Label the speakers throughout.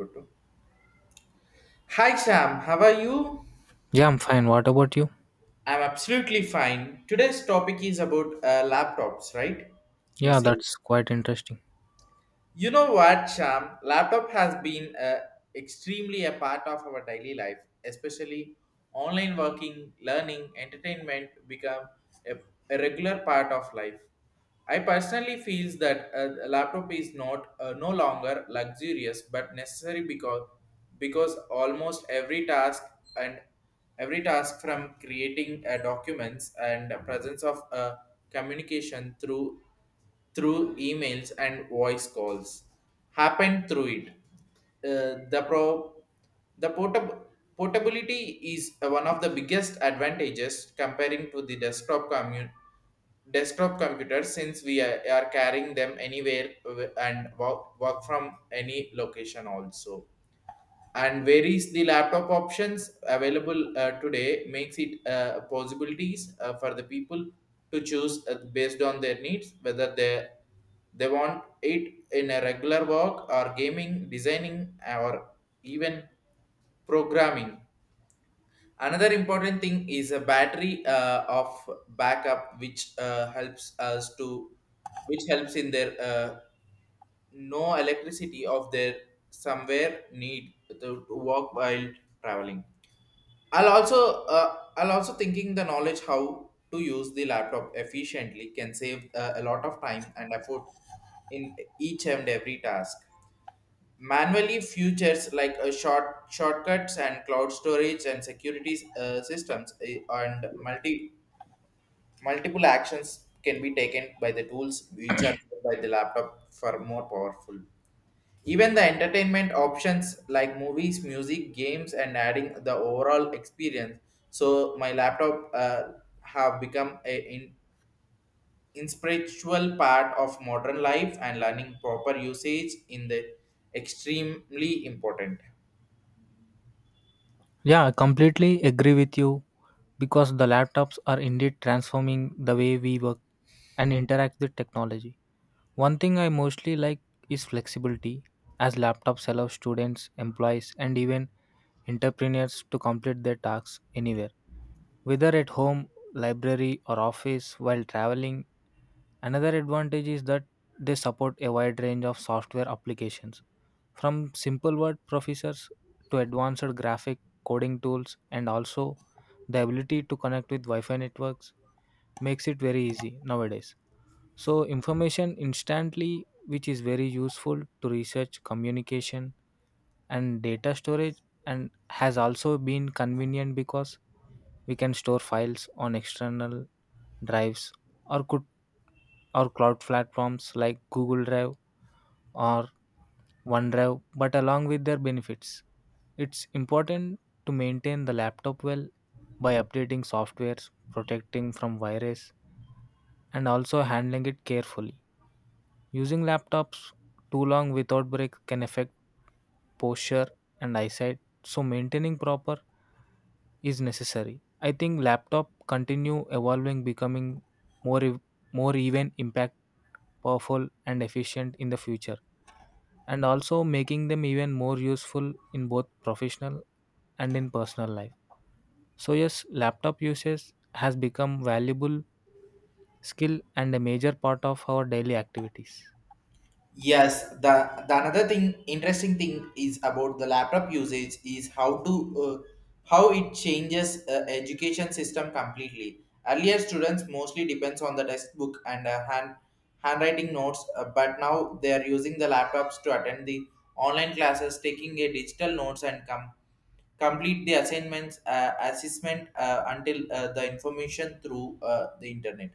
Speaker 1: Photo. Hi Sam, how are you?
Speaker 2: Yeah, I'm fine. What about you?
Speaker 1: I'm absolutely fine. Today's topic is about laptops, right? You
Speaker 2: Yeah,
Speaker 1: say.
Speaker 2: that's quite interesting.
Speaker 1: You know what, Sham? Laptop has been extremely a part of our daily life, especially online working, learning, entertainment become a, a regular part of life. I personally feels that a laptop is not no longer luxurious but necessary because almost every task and every task from creating documents and presence of communication through emails and voice calls happened through it. Uh, the pro- the portability is one of the biggest advantages comparing to the desktop computer since are carrying them anywhere and work from any location also, and varies the laptop options available today makes it possibilities for the people to choose based on their needs whether they want it in a regular work or gaming designing or even programming. Another important thing is a battery of backup which helps us to which helps in their no electricity of their somewhere to walk while traveling. I'll also thinking the knowledge how to use the laptop efficiently can save a lot of time and effort in each and every task. Manually features like a shortcuts and cloud storage and security systems and multiple actions can be taken by the tools which are by the laptop for more powerful, even the entertainment options like movies, music, games, and adding the overall experience. So my laptop have become inspiritual part of modern life, and learning proper usage in the extremely important.
Speaker 2: Yeah, I completely agree with you because the laptops are indeed transforming the way we work and interact with technology. One thing I mostly like is flexibility, as laptops allow students, employees, and even entrepreneurs to complete their tasks anywhere, whether at home, library, or office while traveling. Another advantage is that they support a wide range of software applications, from simple word processors to advanced graphic coding tools, and also the ability to connect with Wi-Fi networks makes it very easy nowadays. So information instantly, which is very useful to research, communication and data storage, and has also been convenient because we can store files on external drives or could or cloud platforms like Google Drive or OneDrive. But along with their benefits, it's important to maintain the laptop well by updating softwares, protecting from virus, and also handling it carefully. Using laptops too long without break can affect posture and eyesight, so maintaining proper is necessary. I think laptop continue evolving, becoming more ev- more even impact powerful and efficient in the future, and also making them even more useful in both professional and in personal life. So yes, laptop usage has become valuable skill and a major part of our daily activities.
Speaker 1: Yes, the another thing interesting thing is about the laptop usage is how to how it changes education system completely. Earlier, students mostly depends on the textbook and handwriting notes, but now they are using the laptops to attend the online classes, taking a digital notes and come complete the assignments assessment until the information through the internet.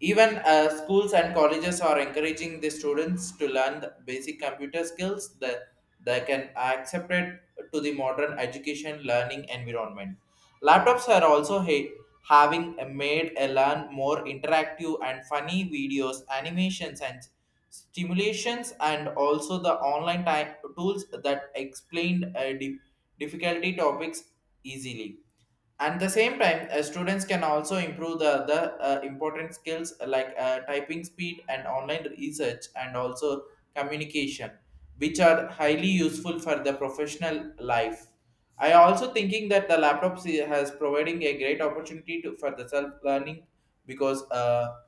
Speaker 1: Even schools and colleges are encouraging the students to learn the basic computer skills that they can accept it to the modern education learning environment. Laptops are also ha- having made a learn more interactive and funny videos, animations, and stimulations, and also the online time tools that explain difficulty topics easily. At the same time, students can also improve the other important skills like typing speed and online research and also communication, which are highly useful for the professional life. I also thinking that the laptops has providing a great opportunity for the self learning because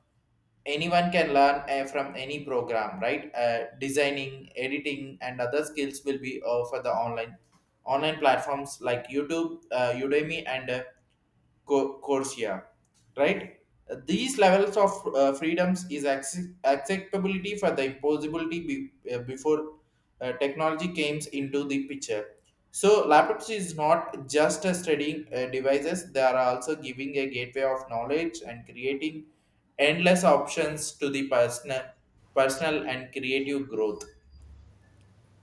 Speaker 1: anyone can learn from any program, right? Designing editing and other skills will be for the online platforms like youtube, udemy, and Corsia, right? These levels of freedoms is acceptability for the impossibility before technology came into the picture. So laptops is not just a studying devices; they are also giving a gateway of knowledge and creating endless options to the personal and creative growth.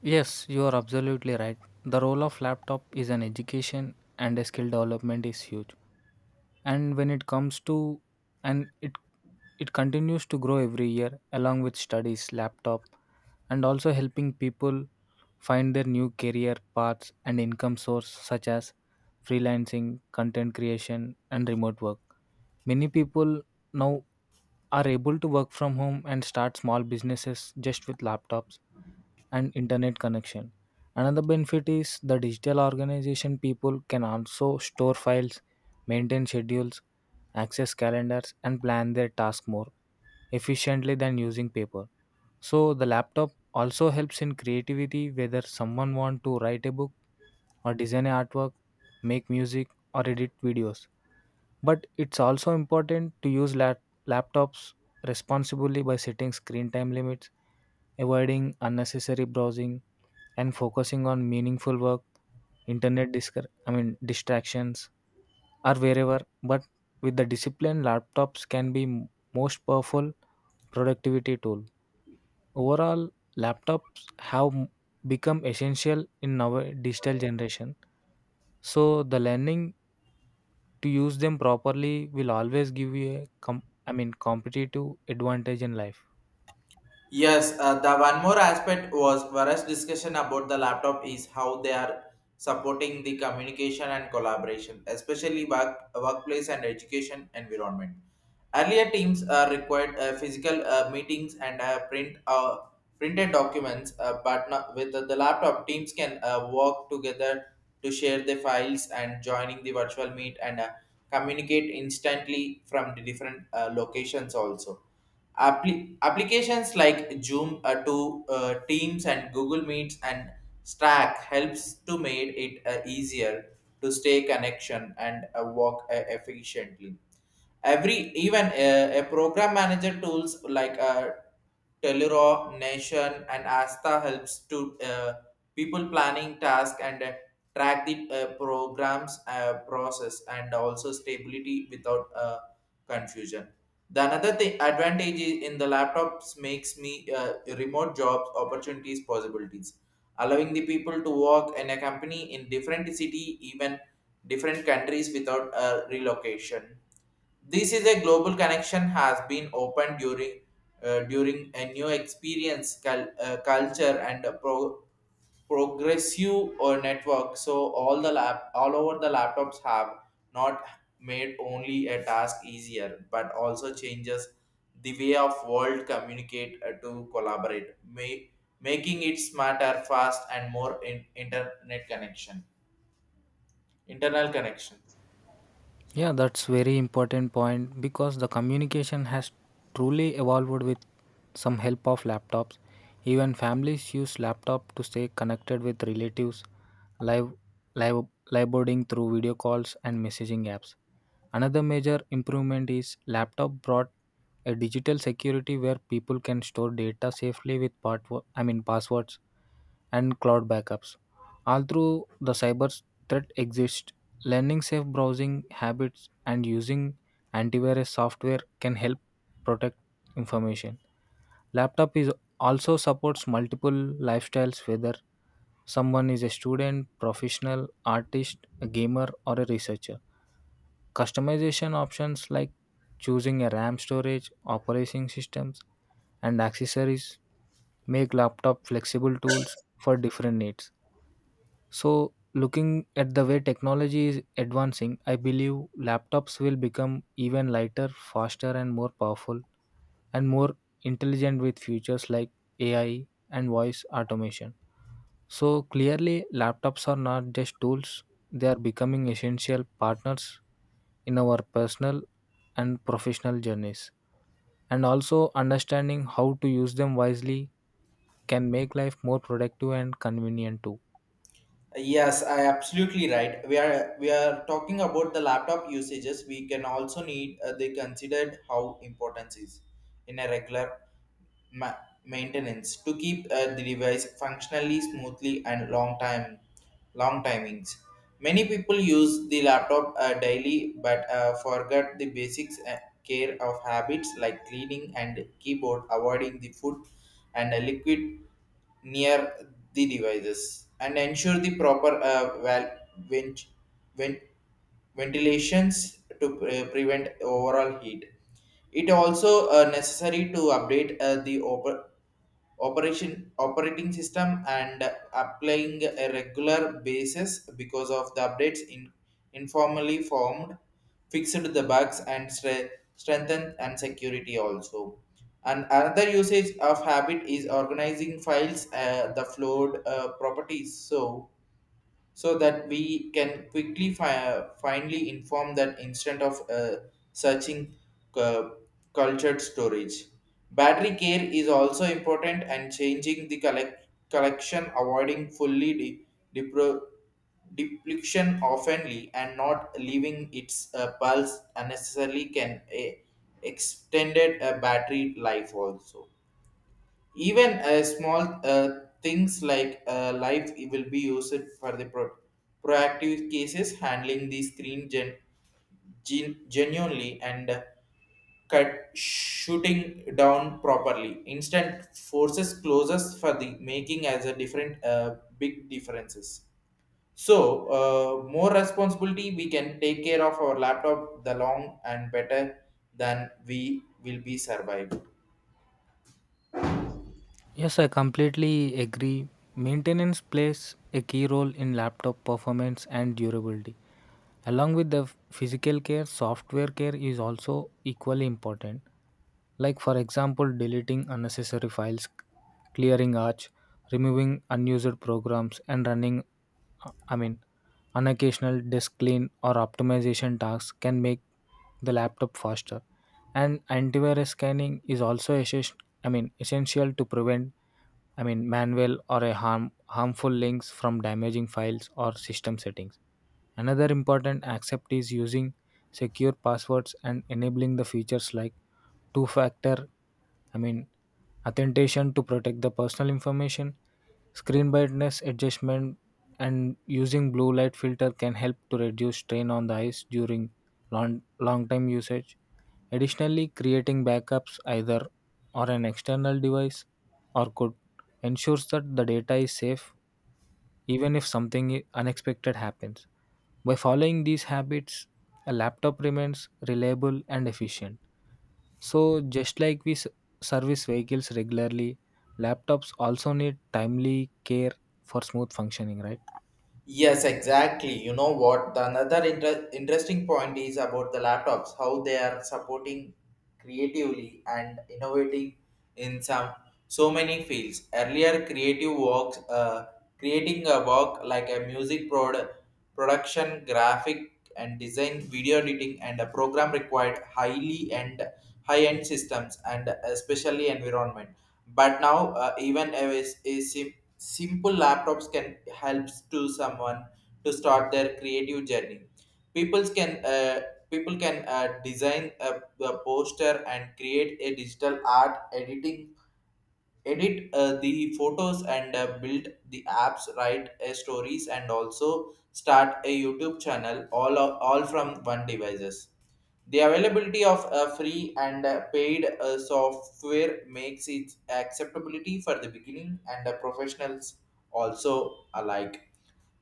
Speaker 2: Yes, you are absolutely right. The role of laptop is an education and a skill development is huge. And when it comes to and it continues to grow every year. Along with studies, laptop and also helping people find their new career paths and income source such as freelancing, content creation and remote work. Many people now are able to work from home and start small businesses just with laptops and internet connection. Another benefit is the digital organization. People can also store files, maintain schedules, access calendars, and plan their tasks more efficiently than using paper. So the laptop also helps in creativity whether someone want to write a book or design a artwork, make music or edit videos. But it's also important to use laptops responsibly by setting screen time limits, avoiding unnecessary browsing and focusing on meaningful work. Internet distractions are wherever, but with the discipline laptops can be most powerful productivity tool. Overall, laptops have become essential in our digital generation. So the learning to use them properly will always give you a competitive advantage in life.
Speaker 1: Yes, the one more aspect was Vara's discussion about the laptop is how they are supporting the communication and collaboration, especially workplace and education environment. Earlier teams required physical meetings and printed documents, but not, with the laptop, teams can work together to share the files and joining the virtual meet and communicate instantly from the different locations also. Applications like Zoom to Teams and Google Meets and Slack helps to make it easier to stay connection and work efficiently. Every even A program manager tools like Telluro, Nation, and Asta helps to people planning task and track the programs process and also stability without confusion. The another thing advantage is in the laptops makes me remote jobs opportunities possibilities, allowing the people to work and a company in different city, even different countries without a relocation. This is a global connection has been opened during a new experience, culture, and progressive or network, so all over the laptops have not made only a task easier but also changes the way of world communicate to collaborate making it smarter fast and more internet connection internal connection.
Speaker 2: Yeah, that's very important point because the communication has truly evolved with some help of laptops. Even families use laptop to stay connected with relatives, live live live boarding through video calls and messaging apps. Another major improvement is laptop brought a digital security where people can store data safely with part I mean passwords and cloud backups. Although the cyber threat exists, learning safe browsing habits and using antivirus software can help protect information. Laptop is also supports multiple lifestyles whether someone is a student, professional, artist, a gamer or a researcher. Customization options like choosing a RAM storage, operating systems and accessories make laptop flexible tools for different needs. So, looking at the way technology is advancing, I believe laptops will become even lighter, faster, and more powerful, and more intelligent with features like AI and voice automation. So, clearly, laptops are not just tools, they are becoming essential partners in our personal and professional journeys. And also, understanding how to use them wisely can make life more productive and convenient too.
Speaker 1: Yes, I absolutely right. We are talking about the laptop usages. We can also need they considered how important is in a regular ma- maintenance to keep the device functionally smoothly and long timings. Many people use the laptop daily but forget the basics care of habits like cleaning and keyboard, avoiding the food and a liquid near the devices, and ensure the proper vent- vent- ventilations to prevent overall heat. It also necessary to update the op- operation operating system and applying a regular basis because of the updates in informally formed fixed the bugs and strengthened and security also. And another usage of habit is organizing files the flowed properties, so that we can quickly finally inform that instead of searching uh, cultured storage. Battery care is also important, and changing the collection, avoiding fully depro- depletion oftenly, and not leaving its pulse unnecessarily can extended a battery life also. Even small things like life will be used for the proactive cases, handling the screen genuinely and cut shooting down properly. Instant forces closes for the making as a different big differences. So more responsibility we can take care of our laptop the long and better than we will be survive.
Speaker 2: Yes, I completely agree. Maintenance plays a key role in laptop performance and durability. Along with the physical care, software care is also equally important. Like, for example, deleting unnecessary files, clearing arch, removing unused programs, and running, uh, I mean, an occasional disk clean or optimization tasks can make the laptop faster. And antivirus scanning is also essential to prevent, manual or a harmful links from damaging files or system settings. Another important accept is using secure passwords and enabling the features like two factor, I mean, authentication to protect the personal information, screen brightness adjustment, and using blue light filter can help to reduce strain on the eyes during long, long time usage. Additionally, creating backups either or an external device or could ensures that the data is safe even if something unexpected happens. By following these habits, a laptop remains reliable and efficient. So, just like we service vehicles regularly, laptops also need timely care for smooth functioning, right?
Speaker 1: Yes, exactly. You know what? The another interesting point is about the laptops, how they are supporting creatively and innovating in some so many fields. Earlier, creating a work like a music production, graphic and design, video editing, and a program required highly and high-end systems and especially environment. But now, even simple laptops can helps to someone to start their creative journey. People's can uh, People can design a poster and create a digital art edit the photos and build the apps, write stories, and also start a youtube channel all from one devices. The availability of free and paid software makes its acceptability for the beginning and the professionals also alike.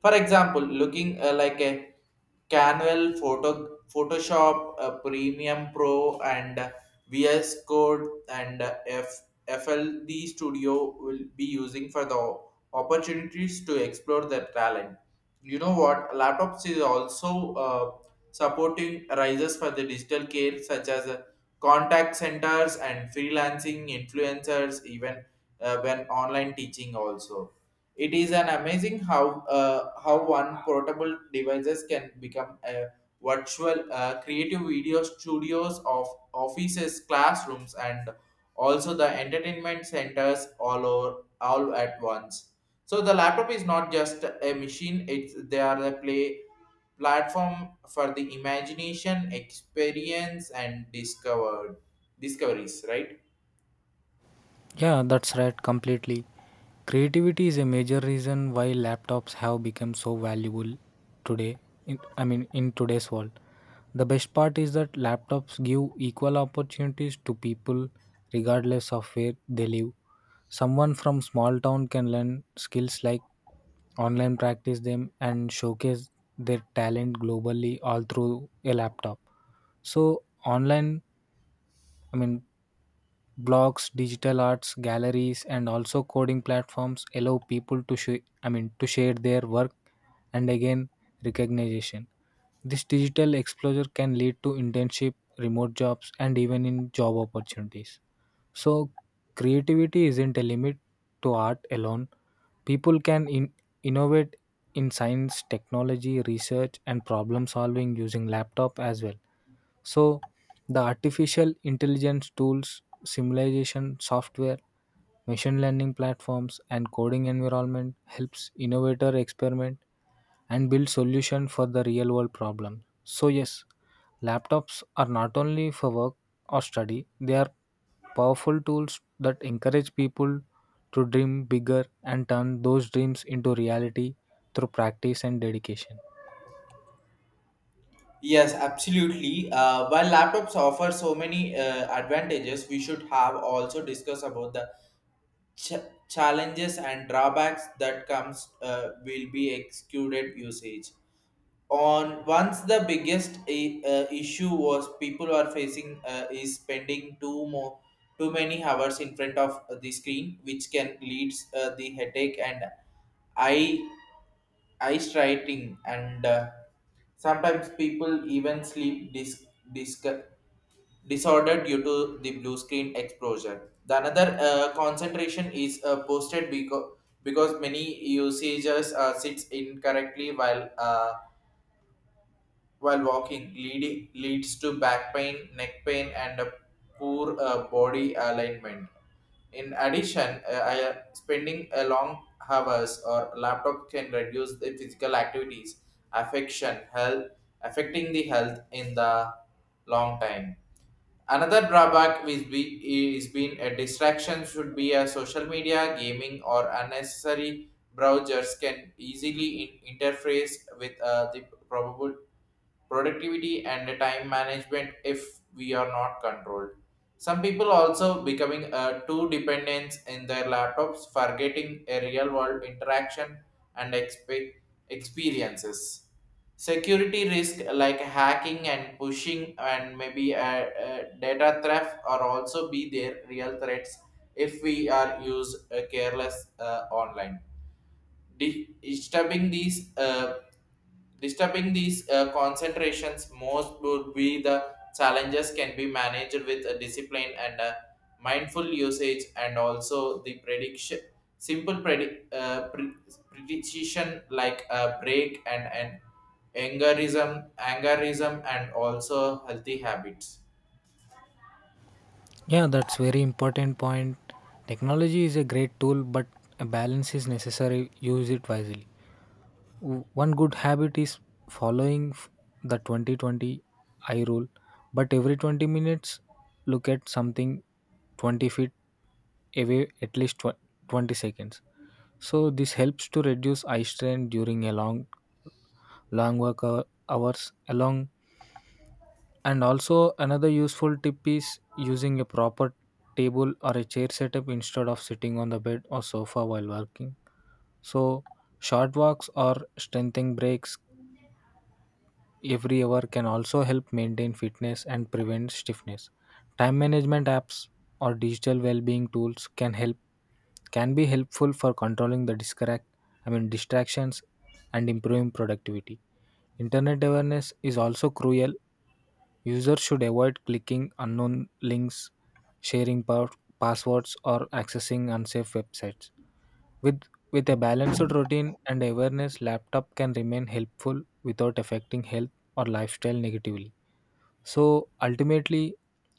Speaker 1: For example, looking like a Canwell photo, Photoshop Premium Pro, and VS Code, and FLD Studio will be using for the opportunities to explore their talent. You know what? Laptops is also supporting rises for the digital care such as contact centers and freelancing influencers, even when online teaching also. It is an amazing how one portable devices can become a virtual creative video studios of offices, classrooms, and also the entertainment centers all over all at once. So the laptop is not just a machine; it's they are the play platform for the imagination, experience, and discovered discoveries, right?
Speaker 2: Yeah, that's right, completely. Creativity is a major reason why laptops have become so valuable today. In today's world. The best part is that laptops give equal opportunities to people regardless of where they live. Someone from small town can learn skills like online, practice them and showcase their talent globally all through a laptop. So online, I mean blogs, digital arts galleries and also coding platforms allow people to share their work and again recognition. This digital exposure can lead to internship remote jobs and even in job opportunities. So creativity isn't a limit to art alone. People can innovate in science technology research and problem solving using laptop as well. So, the artificial intelligence tools, simulation software, machine learning platforms, and coding environment helps innovator experiment and build solution for the real world problem. So, yes, laptops are not only for work or study; they are powerful tools that encourage people to dream bigger and turn those dreams into reality through practice and dedication.
Speaker 1: Yes, absolutely. While laptops offer so many advantages, we should have also discuss about the ch- challenges and drawbacks that comes will be excluded usage. On once the biggest issue was people are facing is spending too many hours in front of the screen, which can leads the headache and eye ice writing and sometimes people even sleep dis- disorder due to the blue screen exposure. The another concentration is posted because many users sits incorrectly while walking leads to back pain, neck pain, and a poor body alignment. In addition, spending a long hours or laptop can reduce the physical activities, affection, health, affecting the health in the long time. Another drawback is being a distraction should be a social media, gaming, or unnecessary browsers can easily interface with the probable productivity and the time management if we are not controlled. Some people also becoming too dependent in their laptops, forgetting a real world interaction and experiences. Security risk like hacking and pushing and maybe data theft are also be their real threats if we are use careless online. Di- disturbing these uh, disturbing these concentrations most would be the challenges can be managed with a discipline and a mindful usage and also the prediction simple predi- uh, pre- prediction like a break and, an angerism and also healthy habits.
Speaker 2: Yeah, that's very important point. Technology is a great tool, but a balance is necessary. Use it wisely. One good habit is following the 2020 I rule, but every 20 minutes, look at something 20 feet away at least 20 seconds. So this helps to reduce eye strain during a long, long hours. Along and also another useful tip is using a proper table or a chair setup instead of sitting on the bed or sofa while working. So short walks or strengthening breaks every hour can also help maintain fitness and prevent stiffness. Time management apps or digital well-being tools can be helpful for controlling the distractions and improving productivity. Internet awareness is also crucial. Users should avoid clicking unknown links, sharing passwords, or accessing unsafe websites. With, with a balanced routine and awareness, laptop can remain helpful without affecting health or lifestyle negatively. So ultimately,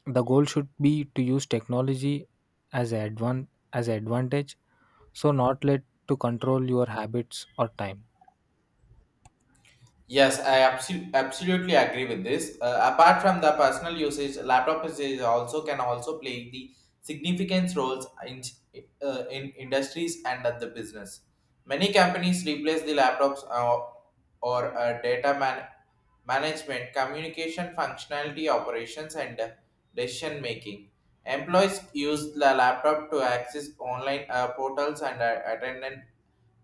Speaker 2: the goal should be to use technology as an advan- as an advantage, so not let to control your habits or time.
Speaker 1: Yes, I absolutely agree with this. Apart from the personal usage, laptop is also can also play the significant roles in industries and at the business. Many companies replace the laptops or management, communication, functionality, operations, and decision making. Employees use the laptop to access online portals and attendant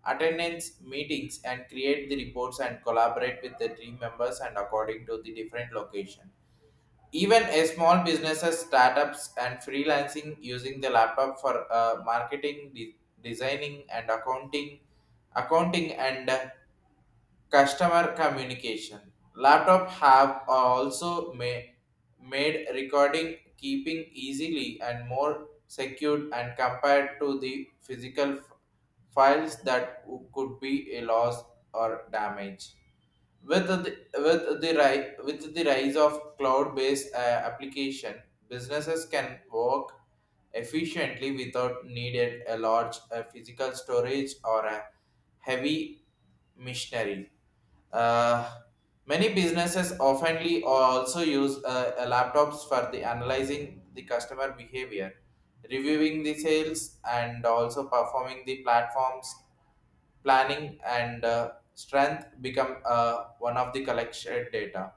Speaker 1: attendance meetings and create the reports and collaborate with the team members and according to the different location, even a small businesses, startups, and freelancing using the laptop for marketing, designing, and accounting, accounting and customer communication. Laptop have also made recording keeping easily and more secured and compared to the physical files that could be a loss or damage. With the, with the rise of cloud based application, businesses can work efficiently without needed a large physical storage or a heavy machinery. Uh, Many businesses oftenly also use laptops for the analyzing the customer behavior, reviewing the sales, and also performing the platforms planning and strength become one of the collected data.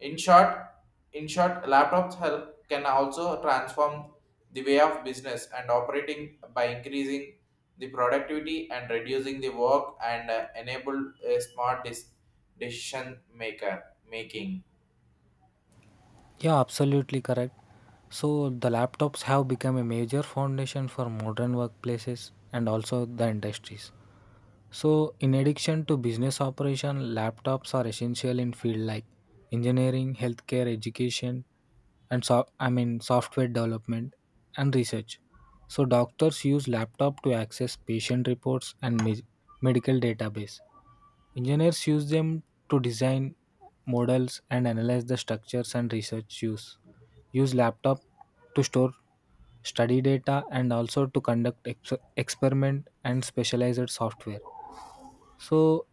Speaker 1: In short, in short, laptops help can also transform the way of business and operating by increasing the productivity and reducing the work and enable a smart decision maker making.
Speaker 2: Yeah, absolutely correct. So the laptops have become a major foundation for modern workplaces and also the industries. So, in addition to business operation, laptops are essential in field like engineering, healthcare, education, and software development and research. So, doctors use laptop to access patient reports and medical database. Engineers use them to design models and analyze the structures and research use. Use laptop to store study data and also to conduct experiment and specialized software. So,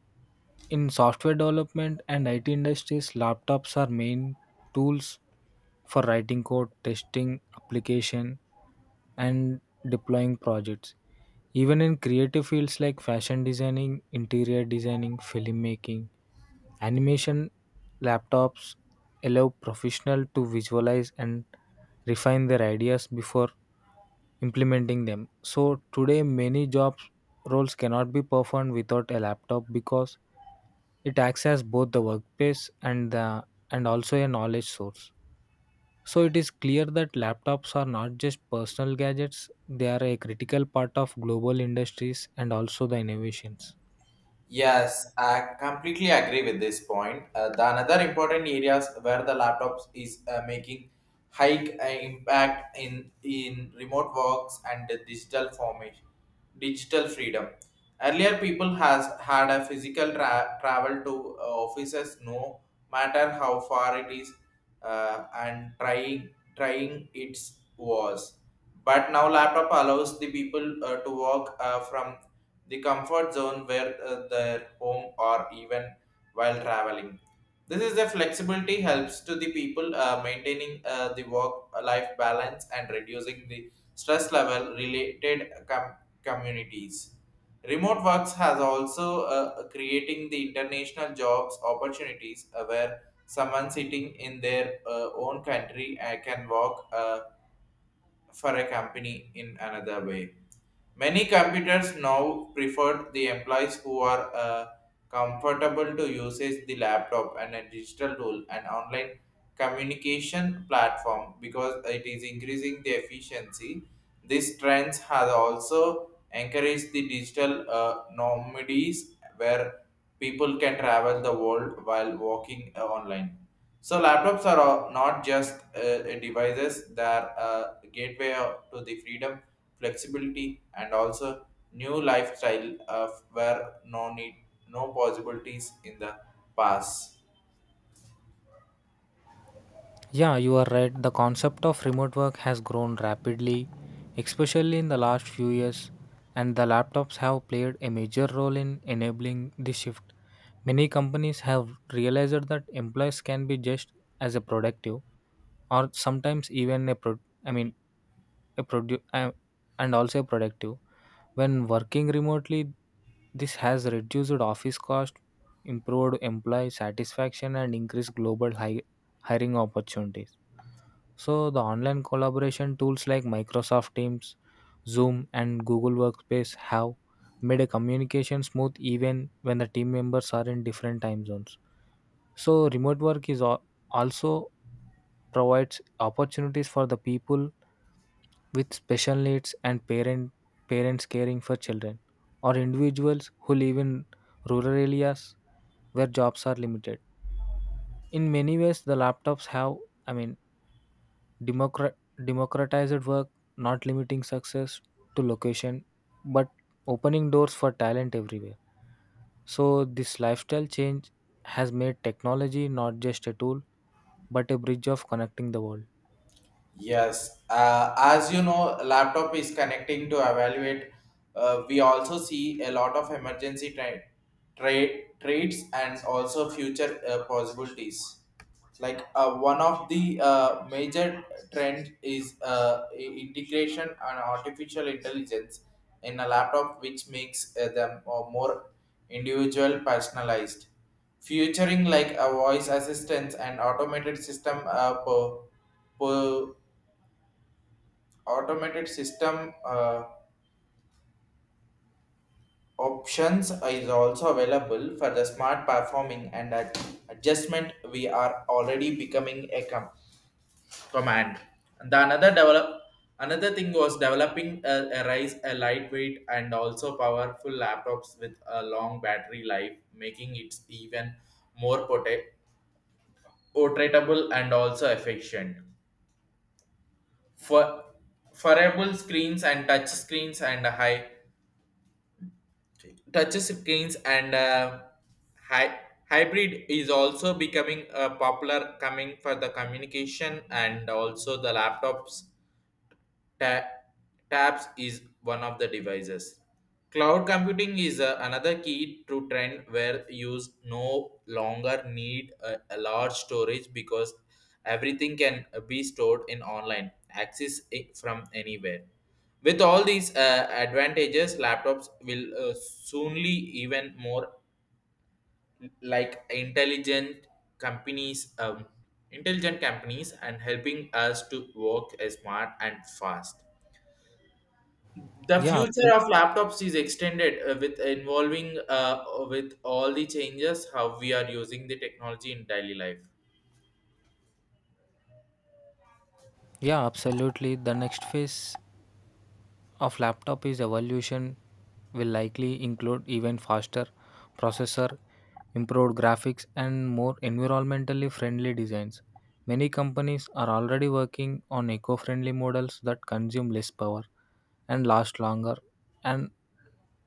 Speaker 2: in software development and IT industries, laptops are main tools for writing code, testing application, and deploying projects. Even in creative fields like fashion designing, interior designing, filmmaking, animation, laptops allow professionals to visualize and refine their ideas before implementing them. So today many job roles cannot be performed without a laptop because it acts as both the workplace and the and also a knowledge source. So it is clear that laptops are not just personal gadgets, they are a critical part of global industries and also the innovations.
Speaker 1: Yes, I completely agree with this point. The another important areas where the laptops is making hike impact in remote works and the digital formation, digital freedom. Earlier, people has had a physical travel to offices, no matter how far it is, and trying trying it was. But now, laptop allows the people to work from the comfort zone where their home or even while traveling. This is the flexibility helps to the people maintaining the work life balance and reducing the stress level related communities. Remote works has also creating the international jobs opportunities where someone sitting in their own country can work for a company in another way. Many computers now prefer the employees who are comfortable to uses the laptop and a digital tool and online communication platform because it is increasing the efficiency. This trends has also encouraged the digital nomadies where people can travel the world while working online. So laptops are not just devices; they are a gateway to the freedom flexibility, and also new lifestyle of where no need, no possibilities in the past.
Speaker 2: Yeah, you are right. The concept of remote work has grown rapidly, especially in the last few years, and the laptops have played a major role in enabling this shift. Many companies have realized that employees can be just as a productive, or sometimes even a pro- I mean a produ- and also a productive when working remotely. This has reduced office cost, improved employee satisfaction and increased global hiring opportunities. So the online collaboration tools like Microsoft Teams, Zoom, and Google Workspace have made a communication smooth even when the team members are in different time zones. So remote work is also provides opportunities for the people with special needs and parents caring for children or individuals who live in rural areas where jobs are limited. In many ways the laptops have I mean Democrat- democratized work, not limiting success to location, but opening doors for talent everywhere. So, this lifestyle change has made technology not just a tool, but a bridge of connecting the world.
Speaker 1: Yes, as you know, laptop is connecting to evaluate. We also see a lot of emergency trades and also future possibilities. Like one of the major trend is integration and artificial intelligence in a laptop, which makes them more individual, personalized. Featuring like a voice assistance and automated system per automated system options is also available for the smart performing and adjustment we are already becoming a command. And the another develop Another thing was developing a rise a lightweight and also powerful laptops with a long battery life making it even more portable and also efficient for foreable screens and touch screens and high touches screens and hy- hybrid is also becoming popular coming for the communication and also the laptops. Ta- Tabs is one of the devices. Cloud computing is another key to trend where users no longer need a large storage because everything can be stored in online, access it from anywhere. With all these advantages, laptops will soonly even more like companies, um, intelligent companies, and helping us to work smart and fast. The
Speaker 2: Yeah,
Speaker 1: future
Speaker 2: absolutely.
Speaker 1: of laptops is extended with involving with all the changes how we are using the technology in daily life.
Speaker 2: Yeah, absolutely. The next phase of laptop is evolution will likely include even faster processor, improved graphics and more environmentally friendly designs. Many companies are already working on eco-friendly models that consume less power and last longer and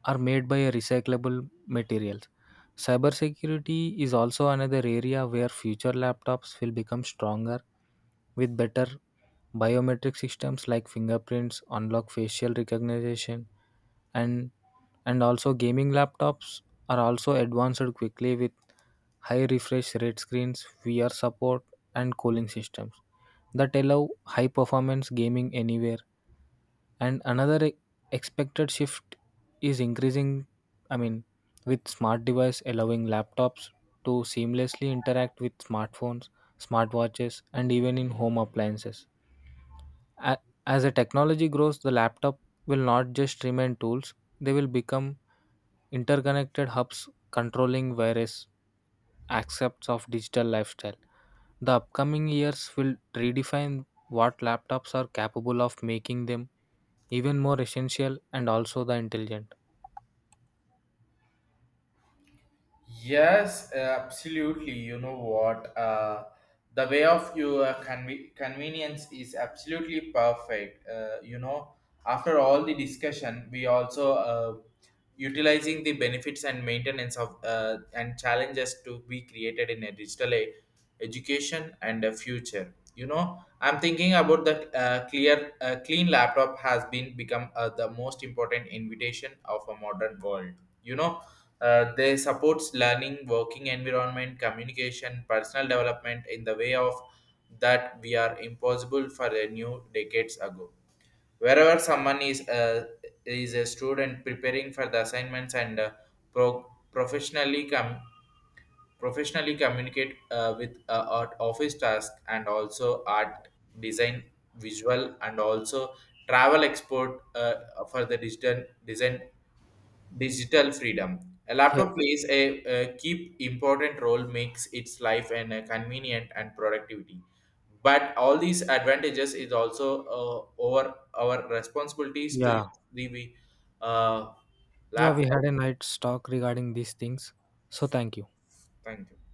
Speaker 2: are made by recyclable materials. Cybersecurity is also another area where future laptops will become stronger with better biometric systems like fingerprints, unlock facial recognition, and and also gaming laptops are also advanced quickly with high refresh rate screens, VR support, and cooling systems that allow high performance gaming anywhere. And another expected shift is increasing, I mean, with smart device allowing laptops to seamlessly interact with smartphones, smartwatches, and even in home appliances. A- As the technology grows, the laptop will not just remain tools, they will become interconnected hubs controlling various aspects of digital lifestyle. The upcoming years will redefine what laptops are capable of making them even more essential and also the intelligent.
Speaker 1: Yes, absolutely. You know what? The way of your convenience is absolutely perfect. You know, after all the discussion, we also utilizing the benefits and maintenance of and challenges to be created in a digital age education and a future. You know, I'm thinking about the clear clean laptop has been become the most important invitation of a modern world. You know, they supports learning working environment communication personal development in the way of that we are impossible for a new decades ago, wherever someone is a student preparing for the assignments and pro- professionally com- professionally communicate with art office task and also art design visual and also travel export for the digital design digital freedom. A
Speaker 2: Yes.
Speaker 1: laptop plays a key important role makes its life and convenient and productivity, but all these advantages is also over our responsibilities to
Speaker 2: Yeah.
Speaker 1: use the uh,
Speaker 2: Yeah, we
Speaker 1: laptop.
Speaker 2: had a nice talk regarding these things. So thank you.
Speaker 1: Thank you.